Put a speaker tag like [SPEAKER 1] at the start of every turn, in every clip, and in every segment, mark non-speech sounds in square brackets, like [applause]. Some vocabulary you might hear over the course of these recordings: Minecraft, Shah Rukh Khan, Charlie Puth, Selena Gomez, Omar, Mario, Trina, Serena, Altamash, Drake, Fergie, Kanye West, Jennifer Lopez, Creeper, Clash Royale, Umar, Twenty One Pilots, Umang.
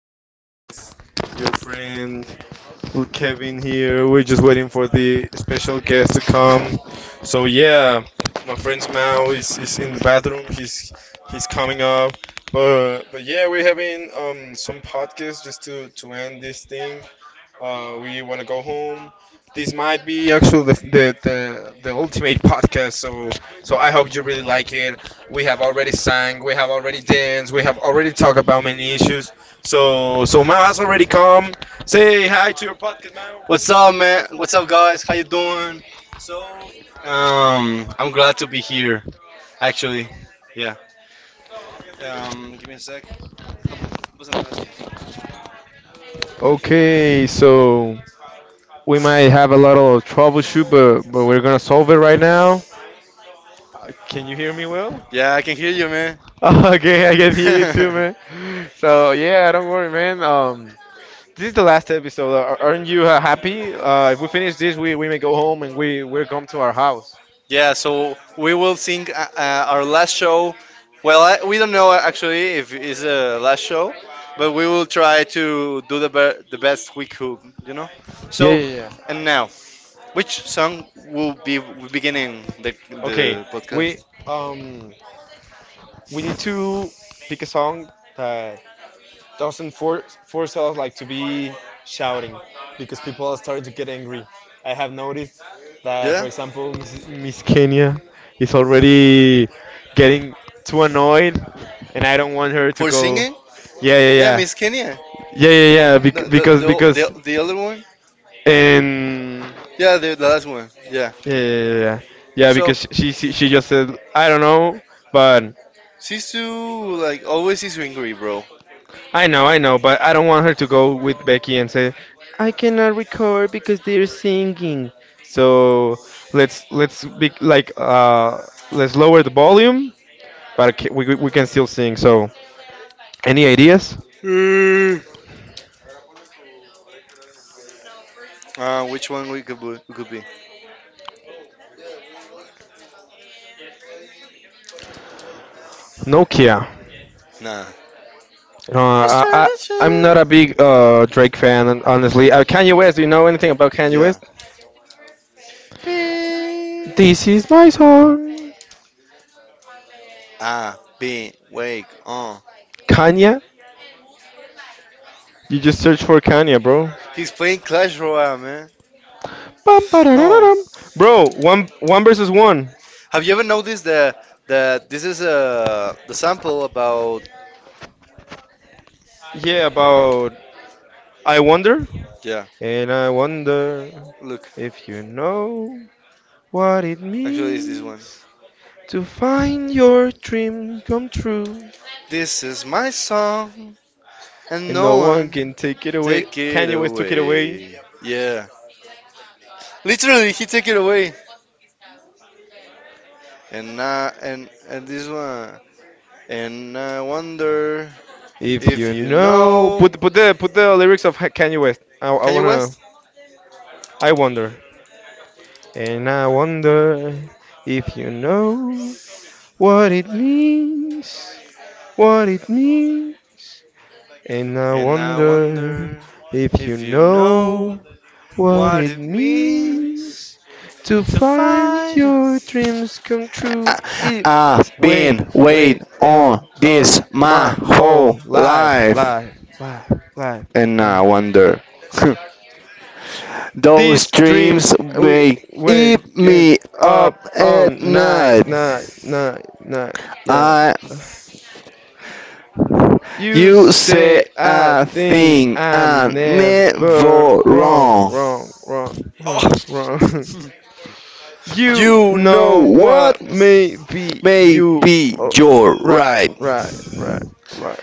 [SPEAKER 1] podcast. It's your friend Kevin here. We're just waiting for the special guest to come. So yeah, my friend's Mao is in the bathroom. He's coming up. But yeah, we're having some podcast just to end this thing. We want to go home. This might be actually the ultimate podcast, so I hope you really like it. We have already sang, we have already danced, we have already talked about many issues. So Mao has already come. Say hi.
[SPEAKER 2] Was glad to be here.
[SPEAKER 1] Okay, so we might have a lot of troubleshoot, but we're gonna solve it right now. Can you hear me well? [laughs]
[SPEAKER 2] Yeah, I can hear you, man.
[SPEAKER 1] Okay, I can hear you too, man. So yeah, don't worry, man. This is the last episode. Aren't you happy? If we finish this, we may go home and we come to our house.
[SPEAKER 2] Yeah, so we will sing our last show. Well, we don't know actually if it's a last show, but we will try to do the best we could, you know.
[SPEAKER 1] Yeah,
[SPEAKER 2] So,
[SPEAKER 1] yeah, yeah.
[SPEAKER 2] and now, which song will be beginning the
[SPEAKER 1] Okay,
[SPEAKER 2] the podcast
[SPEAKER 1] we we need to pick a song that doesn't force us like to be shouting because people are starting to get angry. I have noticed that, for example, Miss Kenya is already getting too annoyed, and I don't want her to
[SPEAKER 2] for
[SPEAKER 1] go.
[SPEAKER 2] singing?
[SPEAKER 1] Yeah,
[SPEAKER 2] Yeah,
[SPEAKER 1] yeah, yeah,
[SPEAKER 2] Miss Kenya.
[SPEAKER 1] yeah, yeah, yeah. bec- Because
[SPEAKER 2] The
[SPEAKER 1] because
[SPEAKER 2] the other one.
[SPEAKER 1] and
[SPEAKER 2] Yeah, the last one. Yeah,
[SPEAKER 1] yeah, yeah, yeah, yeah. Yeah, because she just said I don't know, but
[SPEAKER 2] Sisu like always is angry, bro.
[SPEAKER 1] I know, but I don't want her to go with Becky and say, "I cannot record because they're singing." So let's be like let's lower the volume, but we can still sing. So any ideas?
[SPEAKER 2] Mm. Which one we could be?
[SPEAKER 1] Nokia.
[SPEAKER 2] Nah.
[SPEAKER 1] Uh, I, I
[SPEAKER 2] That should
[SPEAKER 1] I'm not a big Drake fan, honestly. Kanye West. Do you know anything about Kanye West?
[SPEAKER 2] be.
[SPEAKER 1] This is my song.
[SPEAKER 2] Ah, been wake on.
[SPEAKER 1] Kanye. You just search for Kanye, bro.
[SPEAKER 2] He's playing Clash Royale, man.
[SPEAKER 1] Bum, ba-da-da-da-dum. Bro, one versus one.
[SPEAKER 2] Have you ever noticed that this is the sample about,
[SPEAKER 1] Yeah, about I wonder,
[SPEAKER 2] yeah,
[SPEAKER 1] and I wonder
[SPEAKER 2] look,
[SPEAKER 1] if you know what it
[SPEAKER 2] actually it's this one.
[SPEAKER 1] means to find your dream come true,
[SPEAKER 2] This is my song and
[SPEAKER 1] and no
[SPEAKER 2] no
[SPEAKER 1] one
[SPEAKER 2] one
[SPEAKER 1] can take it away.
[SPEAKER 2] take it
[SPEAKER 1] Kanye West took it away.
[SPEAKER 2] away. Yeah. Literally he take it away. And this one and I wonder
[SPEAKER 1] If
[SPEAKER 2] if
[SPEAKER 1] you
[SPEAKER 2] you
[SPEAKER 1] know,
[SPEAKER 2] know
[SPEAKER 1] put the lyrics of Kanye West. I
[SPEAKER 2] Kanye
[SPEAKER 1] wanna,
[SPEAKER 2] West?
[SPEAKER 1] I wonder, and I wonder if you know what it means, what it means. And I
[SPEAKER 2] And I
[SPEAKER 1] wonder
[SPEAKER 2] wonder,
[SPEAKER 1] if you
[SPEAKER 2] know
[SPEAKER 1] know what
[SPEAKER 2] what
[SPEAKER 1] it
[SPEAKER 2] if
[SPEAKER 1] means to
[SPEAKER 2] I
[SPEAKER 1] find
[SPEAKER 2] find?
[SPEAKER 1] your dreams come true. It
[SPEAKER 2] Ah,
[SPEAKER 1] wait, wait,
[SPEAKER 2] on
[SPEAKER 1] on
[SPEAKER 2] this my
[SPEAKER 1] my
[SPEAKER 2] whole
[SPEAKER 1] whole life,
[SPEAKER 2] life,
[SPEAKER 1] life, life, life,
[SPEAKER 2] and I
[SPEAKER 1] life.
[SPEAKER 2] wonder. Those
[SPEAKER 1] These
[SPEAKER 2] dreams
[SPEAKER 1] dreams we
[SPEAKER 2] may eat
[SPEAKER 1] waking
[SPEAKER 2] me
[SPEAKER 1] up
[SPEAKER 2] up at
[SPEAKER 1] on
[SPEAKER 2] night.
[SPEAKER 1] night, night, night, night. Yeah.
[SPEAKER 2] I,
[SPEAKER 1] You
[SPEAKER 2] you say
[SPEAKER 1] say a
[SPEAKER 2] a
[SPEAKER 1] thing
[SPEAKER 2] thing
[SPEAKER 1] I'm
[SPEAKER 2] I'm
[SPEAKER 1] never
[SPEAKER 2] never
[SPEAKER 1] wrong,
[SPEAKER 2] wrong.
[SPEAKER 1] wrong, wrong, wrong, wrong. [laughs] You
[SPEAKER 2] You know
[SPEAKER 1] know
[SPEAKER 2] what?
[SPEAKER 1] what? Maybe you.
[SPEAKER 2] Maybe
[SPEAKER 1] Oh,
[SPEAKER 2] you're
[SPEAKER 1] right,
[SPEAKER 2] right.
[SPEAKER 1] right, right, right.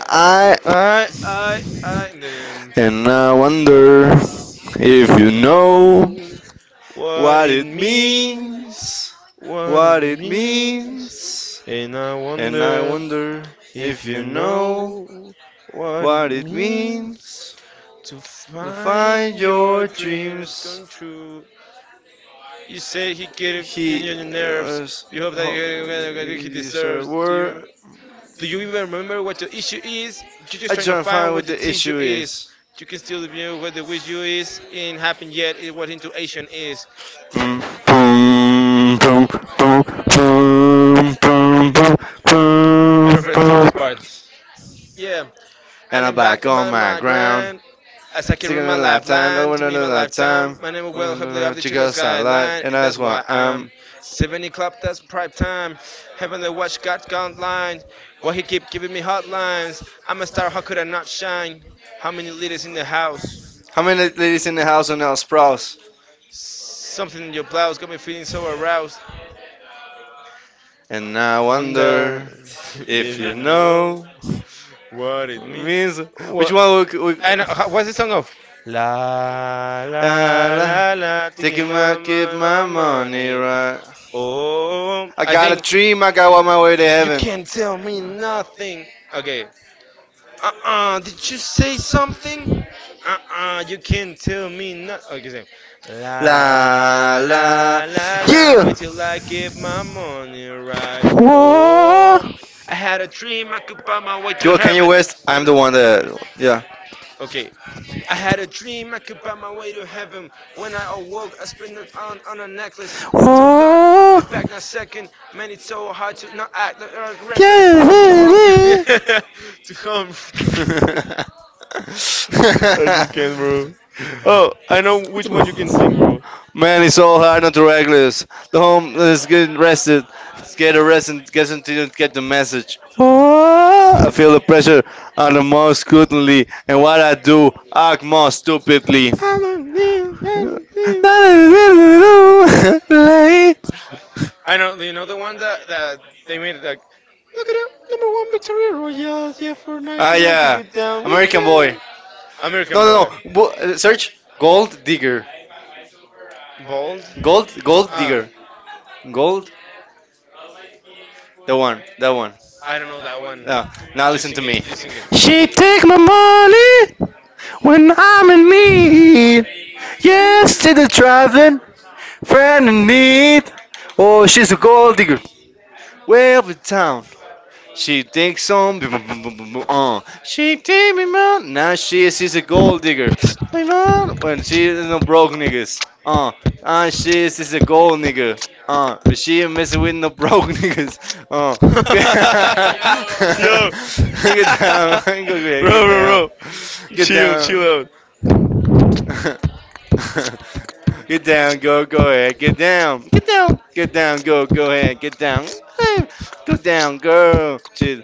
[SPEAKER 2] I
[SPEAKER 1] I them
[SPEAKER 2] and I wonder if you know
[SPEAKER 1] know what
[SPEAKER 2] what
[SPEAKER 1] it
[SPEAKER 2] it
[SPEAKER 1] means,
[SPEAKER 2] means.
[SPEAKER 1] what
[SPEAKER 2] What
[SPEAKER 1] it
[SPEAKER 2] it
[SPEAKER 1] means,
[SPEAKER 2] means.
[SPEAKER 1] and I
[SPEAKER 2] And I
[SPEAKER 1] wonder
[SPEAKER 2] wonder
[SPEAKER 1] if
[SPEAKER 2] if you
[SPEAKER 1] you
[SPEAKER 2] know
[SPEAKER 1] know what it
[SPEAKER 2] what it
[SPEAKER 1] means.
[SPEAKER 2] means
[SPEAKER 1] To
[SPEAKER 2] to
[SPEAKER 1] find
[SPEAKER 2] find
[SPEAKER 1] your
[SPEAKER 2] your
[SPEAKER 1] dreams come
[SPEAKER 2] dreams.
[SPEAKER 1] true. You say he gave you
[SPEAKER 2] He
[SPEAKER 1] your nerves.
[SPEAKER 2] uh, s-
[SPEAKER 1] You hope that
[SPEAKER 2] it
[SPEAKER 1] he
[SPEAKER 2] is a
[SPEAKER 1] deserves. Do
[SPEAKER 2] word.
[SPEAKER 1] you do you even remember what the issue is? You're just
[SPEAKER 2] I
[SPEAKER 1] trying
[SPEAKER 2] just
[SPEAKER 1] to
[SPEAKER 2] don't
[SPEAKER 1] find
[SPEAKER 2] find
[SPEAKER 1] what
[SPEAKER 2] what
[SPEAKER 1] the
[SPEAKER 2] the
[SPEAKER 1] tissue
[SPEAKER 2] issue
[SPEAKER 1] is.
[SPEAKER 2] is.
[SPEAKER 1] You can still view what the wish you is in happen yet it what intuition is.
[SPEAKER 2] Boom, boom, boom, boom, boom, boom,
[SPEAKER 1] I
[SPEAKER 2] boom, boom,
[SPEAKER 1] prefer this
[SPEAKER 2] boom.
[SPEAKER 1] this part. Yeah, and
[SPEAKER 2] And I'm
[SPEAKER 1] then back
[SPEAKER 2] back on
[SPEAKER 1] by
[SPEAKER 2] my
[SPEAKER 1] my
[SPEAKER 2] ground.
[SPEAKER 1] grand. As I can
[SPEAKER 2] Taking
[SPEAKER 1] read my
[SPEAKER 2] a lot of time,
[SPEAKER 1] lifeline,
[SPEAKER 2] over
[SPEAKER 1] to me
[SPEAKER 2] another
[SPEAKER 1] my
[SPEAKER 2] lot of
[SPEAKER 1] lifetime.
[SPEAKER 2] time.
[SPEAKER 1] My name is Will Heavily of the Chicago
[SPEAKER 2] Chicas a lot,
[SPEAKER 1] Skyline,
[SPEAKER 2] and
[SPEAKER 1] and that's
[SPEAKER 2] that's why.
[SPEAKER 1] why I'm 70 Club, that's prime time. Heavenly watch God guidelines. Why he keep giving me hotlines? I'm a star, how could I not shine? How many leaders in the house?
[SPEAKER 2] How many ladies in the house are now sprouts?
[SPEAKER 1] Something in your blouse got me feeling so aroused.
[SPEAKER 2] And
[SPEAKER 1] And
[SPEAKER 2] I
[SPEAKER 1] I wonder
[SPEAKER 2] wonder
[SPEAKER 1] [laughs]
[SPEAKER 2] if
[SPEAKER 1] if
[SPEAKER 2] you
[SPEAKER 1] you know
[SPEAKER 2] know
[SPEAKER 1] [laughs] what it means.
[SPEAKER 2] means which
[SPEAKER 1] What
[SPEAKER 2] one we
[SPEAKER 1] I know. What's the song of? La la
[SPEAKER 2] la-
[SPEAKER 1] la la, to give
[SPEAKER 2] taking my keep
[SPEAKER 1] mama
[SPEAKER 2] my
[SPEAKER 1] my
[SPEAKER 2] money
[SPEAKER 1] money.
[SPEAKER 2] right.
[SPEAKER 1] Oh,
[SPEAKER 2] I
[SPEAKER 1] I
[SPEAKER 2] got a
[SPEAKER 1] think
[SPEAKER 2] dream, I got on my way to
[SPEAKER 1] you
[SPEAKER 2] heaven.
[SPEAKER 1] can't tell me nothing. Okay. Did you say something? You can't tell me nothing. Okay, same.
[SPEAKER 2] La
[SPEAKER 1] La
[SPEAKER 2] la,
[SPEAKER 1] la la la,
[SPEAKER 2] yeah.
[SPEAKER 1] wait till I get my money right.
[SPEAKER 2] Whoa.
[SPEAKER 1] Oh, I had a dream I could buy my way
[SPEAKER 2] You
[SPEAKER 1] to
[SPEAKER 2] are Kanye
[SPEAKER 1] heaven.
[SPEAKER 2] West. I'm
[SPEAKER 1] When
[SPEAKER 2] the
[SPEAKER 1] I...
[SPEAKER 2] one that yeah.
[SPEAKER 1] Okay, I had a dream I could buy my way to heaven. When I awoke, I spent it on a necklace. Oh God,
[SPEAKER 2] Whoa.
[SPEAKER 1] be back in a second. Man, it's so hard to not act like I'm correct. To home. [laughs] To home. [laughs] I
[SPEAKER 2] Yeah.
[SPEAKER 1] just
[SPEAKER 2] [laughs]
[SPEAKER 1] can't, bro. Oh, I know which one you can sing, bro.
[SPEAKER 2] Man, it's so hard not to reckless. The home is getting arrested. It's get arrested. Doesn't get the message. Ah, I feel the
[SPEAKER 1] [laughs]
[SPEAKER 2] pressure on the more scrutiny, and what I do, act more stupidly.
[SPEAKER 1] I know, you know the one that they made it like. Look at him, number one victory royals. Yeah, for night. Ah,
[SPEAKER 2] Ah,
[SPEAKER 1] tonight yeah.
[SPEAKER 2] yeah,
[SPEAKER 1] To get down with American
[SPEAKER 2] American
[SPEAKER 1] that.
[SPEAKER 2] boy.
[SPEAKER 1] Boy. American
[SPEAKER 2] No,
[SPEAKER 1] Boy.
[SPEAKER 2] no. Search gold digger.
[SPEAKER 1] Bold?
[SPEAKER 2] Gold
[SPEAKER 1] Ah,
[SPEAKER 2] digger. Gold. That one. That one.
[SPEAKER 1] I don't know that one.
[SPEAKER 2] No, now
[SPEAKER 1] You
[SPEAKER 2] listen to
[SPEAKER 1] sing it.
[SPEAKER 2] me.
[SPEAKER 1] Me. You sing it.
[SPEAKER 2] She take my money when I'm in need. Yes, to the driving friend in need. Oh, she's a gold digger. Way up in town, she takes some. She take me man. Now she's a gold digger. Hey, man, when she is no broke niggas. She is she's a gold nigger. But she ain't messing with no [laughs] broke niggas. Uh, [laughs]
[SPEAKER 1] [laughs] [laughs]
[SPEAKER 2] look
[SPEAKER 1] Yo,
[SPEAKER 2] at
[SPEAKER 1] [laughs] bro,
[SPEAKER 2] that. [laughs] Go, go,
[SPEAKER 1] bro,
[SPEAKER 2] go.
[SPEAKER 1] bro, chill, chill out.
[SPEAKER 2] [laughs] Get down, go, go ahead, get down, get down, get down, go, go ahead, get down. Hey, go down, girl. She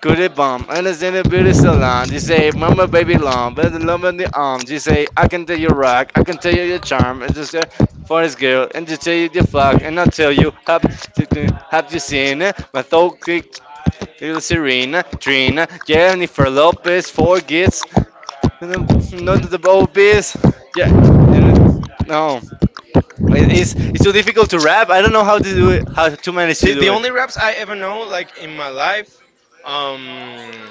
[SPEAKER 2] could it bomb. And it's in a beauty salon. She say, Mama, baby, long. But the love in the arm. She say, I can tell you rock. I can tell you your charm. And just say, for this girl. And just tell you the fuck. And I tell you, have you seen my thought click? Little Serena, Trina, Jennifer Lopez, four kids. None of the obese. Yeah, no. It's too difficult to rap. I don't know how to do it. How to manage to
[SPEAKER 1] The,
[SPEAKER 2] do.
[SPEAKER 1] the only raps I ever know, like in my life, um,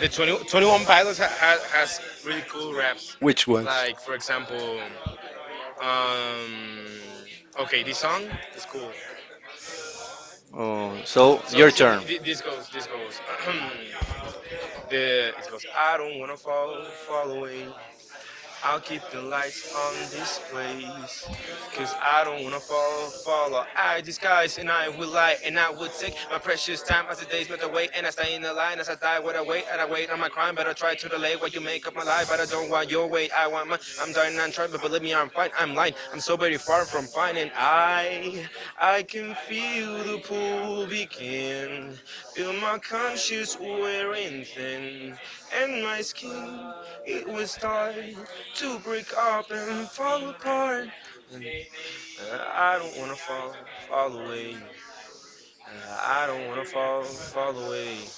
[SPEAKER 1] the 20, 21 Pilots has really cool raps.
[SPEAKER 2] Which
[SPEAKER 1] Which one?
[SPEAKER 2] one?
[SPEAKER 1] Like for example, um, okay, this song is cool.
[SPEAKER 2] Oh, so
[SPEAKER 1] So
[SPEAKER 2] your
[SPEAKER 1] see,
[SPEAKER 2] turn.
[SPEAKER 1] this goes, this goes. [clears throat] The it goes. I don't wanna fall, fall away. I'll keep the lights on this place. Cause I don't wanna fall, fall or I disguise and I will lie and I would take my precious time as the days melt away and I stay in the line as I die. What I wait and I wait on my crime, but I try to delay what you make of my life. But I don't want your way, I want mine. I'm dying, I'm trying, but believe me, I'm fine. I'm lying, I'm so very far from fine, and I can feel the pool begin, feel my conscience wearing thin, and my skin it was tight to break up and fall apart. And I don't wanna fall, fall away. Uh, I don't wanna fall, fall away.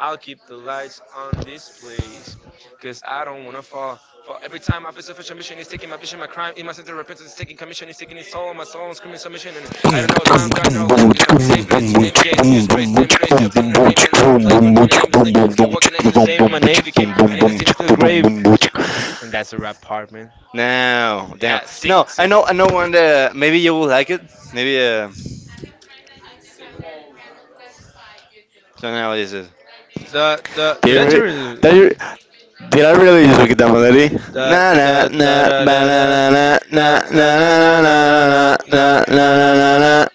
[SPEAKER 1] I'll keep the lights on this place. Cause I don't wanna fall, fall. Every time I feel selfish ambition is taking my vision, my crime in my center repentance is taking commission, is taking its toll on my soul, I'm screaming submission. And I don't know if I'm dying or living, cause I would save grace to name case, abuse grace, same grace to obtaining a name in a way. My name is lame. Okay, what can I in the same in my name became? I need to change to the grave. And that's a rap part, man.
[SPEAKER 2] Now, down.
[SPEAKER 1] Yeah, sick,
[SPEAKER 2] No,
[SPEAKER 1] sick.
[SPEAKER 2] I know one. That, maybe you will like it. Maybe so now what is it?
[SPEAKER 1] The
[SPEAKER 2] Did,
[SPEAKER 1] Did I
[SPEAKER 2] you re-
[SPEAKER 1] do
[SPEAKER 2] did,
[SPEAKER 1] the
[SPEAKER 2] you- Did I really just make that melody? Na na
[SPEAKER 1] da
[SPEAKER 2] na
[SPEAKER 1] da da
[SPEAKER 2] ba na
[SPEAKER 1] da
[SPEAKER 2] na na
[SPEAKER 1] da
[SPEAKER 2] na na
[SPEAKER 1] na
[SPEAKER 2] na
[SPEAKER 1] na na na na
[SPEAKER 2] na
[SPEAKER 1] na
[SPEAKER 2] na na na na na
[SPEAKER 1] na
[SPEAKER 2] na
[SPEAKER 1] na na
[SPEAKER 2] na
[SPEAKER 1] na
[SPEAKER 2] na
[SPEAKER 1] na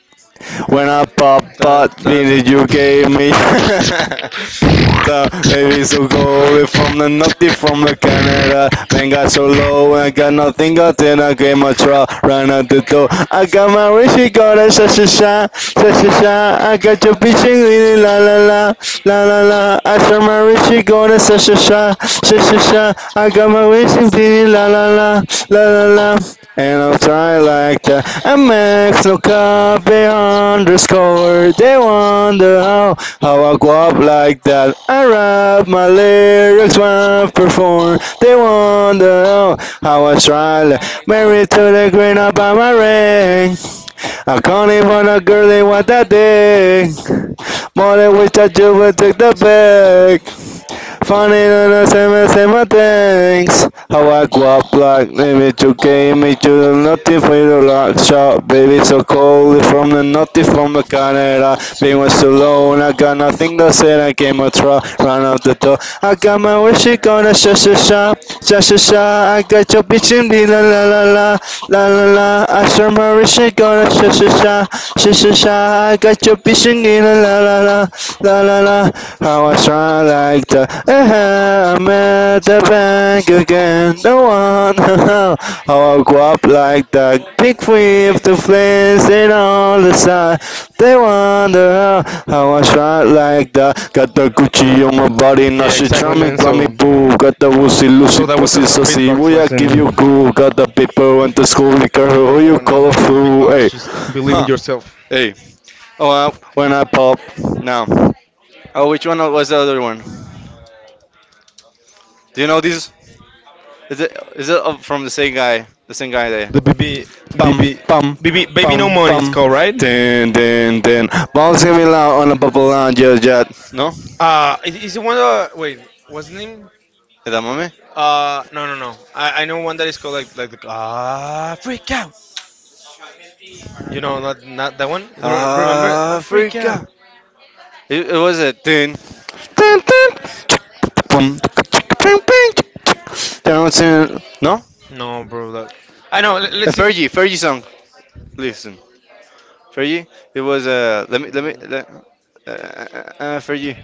[SPEAKER 2] when I pop
[SPEAKER 1] da
[SPEAKER 2] pot
[SPEAKER 1] da da.
[SPEAKER 2] in you gave me. [laughs] The baby so cold from the naughty from the Canada. Man got so low, I got nothing got in I gave my try, ran out the door. I got my wish, she got a sha sha sha, sha sha sha. I got your bitch in really la la la, la la la. I saw my wish, she got a sha sha sha, sha sha sha. I got my wish in really la la la, la la la. And I'll try like the MX no copy underscore. They wonder how I go up like that. I rap my lyrics when I perform. They wonder how I try like married to the green up by my ring. I can't even a girl they want that thing. More than which I do will take the bag. Funny and same things. How I go up like image, you came, me to nothing for you like shop? Baby. So cold from the nothing from the Canada. Being was so alone, I got nothing to say. I came a try, run out the door. I got my wish, she gonna sha sha sha, sha sha sha. I got your bitch in the la la la la, la la la. I sure my wish, she gonna sha sha sha, sha sha sha. I got your bitch in the la la la, la la la. How I try like the uh-huh, I'm at the bank again, the one [laughs] how I go up like that. Big with the flames in all the sun. They wonder how I shine like that. Got the Gucci on my body, now
[SPEAKER 1] Yeah,
[SPEAKER 2] she
[SPEAKER 1] exactly,
[SPEAKER 2] charming,
[SPEAKER 1] man.
[SPEAKER 2] me
[SPEAKER 1] So,
[SPEAKER 2] boo. Got the wussy, loosey,
[SPEAKER 1] so that was a
[SPEAKER 2] pussy, sussy,
[SPEAKER 1] beatbox
[SPEAKER 2] will I give you
[SPEAKER 1] lesson.
[SPEAKER 2] cool? Got the paper, went to school, liquor,
[SPEAKER 1] If you
[SPEAKER 2] who
[SPEAKER 1] ever
[SPEAKER 2] you
[SPEAKER 1] want to know
[SPEAKER 2] call a
[SPEAKER 1] how to
[SPEAKER 2] fool? Hey,
[SPEAKER 1] beatbox, just believe in
[SPEAKER 2] huh,
[SPEAKER 1] yourself.
[SPEAKER 2] hey. Oh, when I pop, now. Oh, which one was the other one? Do you know this? Is it up from the same guy? The same guy there.
[SPEAKER 1] The BB,
[SPEAKER 2] Bum
[SPEAKER 1] BB,
[SPEAKER 2] bum
[SPEAKER 1] BB, baby, no money. It's called right.
[SPEAKER 2] din din din. Bouncing me loud on a bubble on your jet. No, is
[SPEAKER 1] Is the one wait, what's the name?
[SPEAKER 2] that mommy?
[SPEAKER 1] No, no, no. I know one that is called like the ah freak out. You know, not that one. Remember, ah, freak out.
[SPEAKER 2] Africa. It was it. Din din din. Bum bing bing. Down to no
[SPEAKER 1] No, bro. That, I know. Let's sing.
[SPEAKER 2] Fergie Fergie song. Listen Fergie. It
[SPEAKER 1] We
[SPEAKER 2] was Fergie.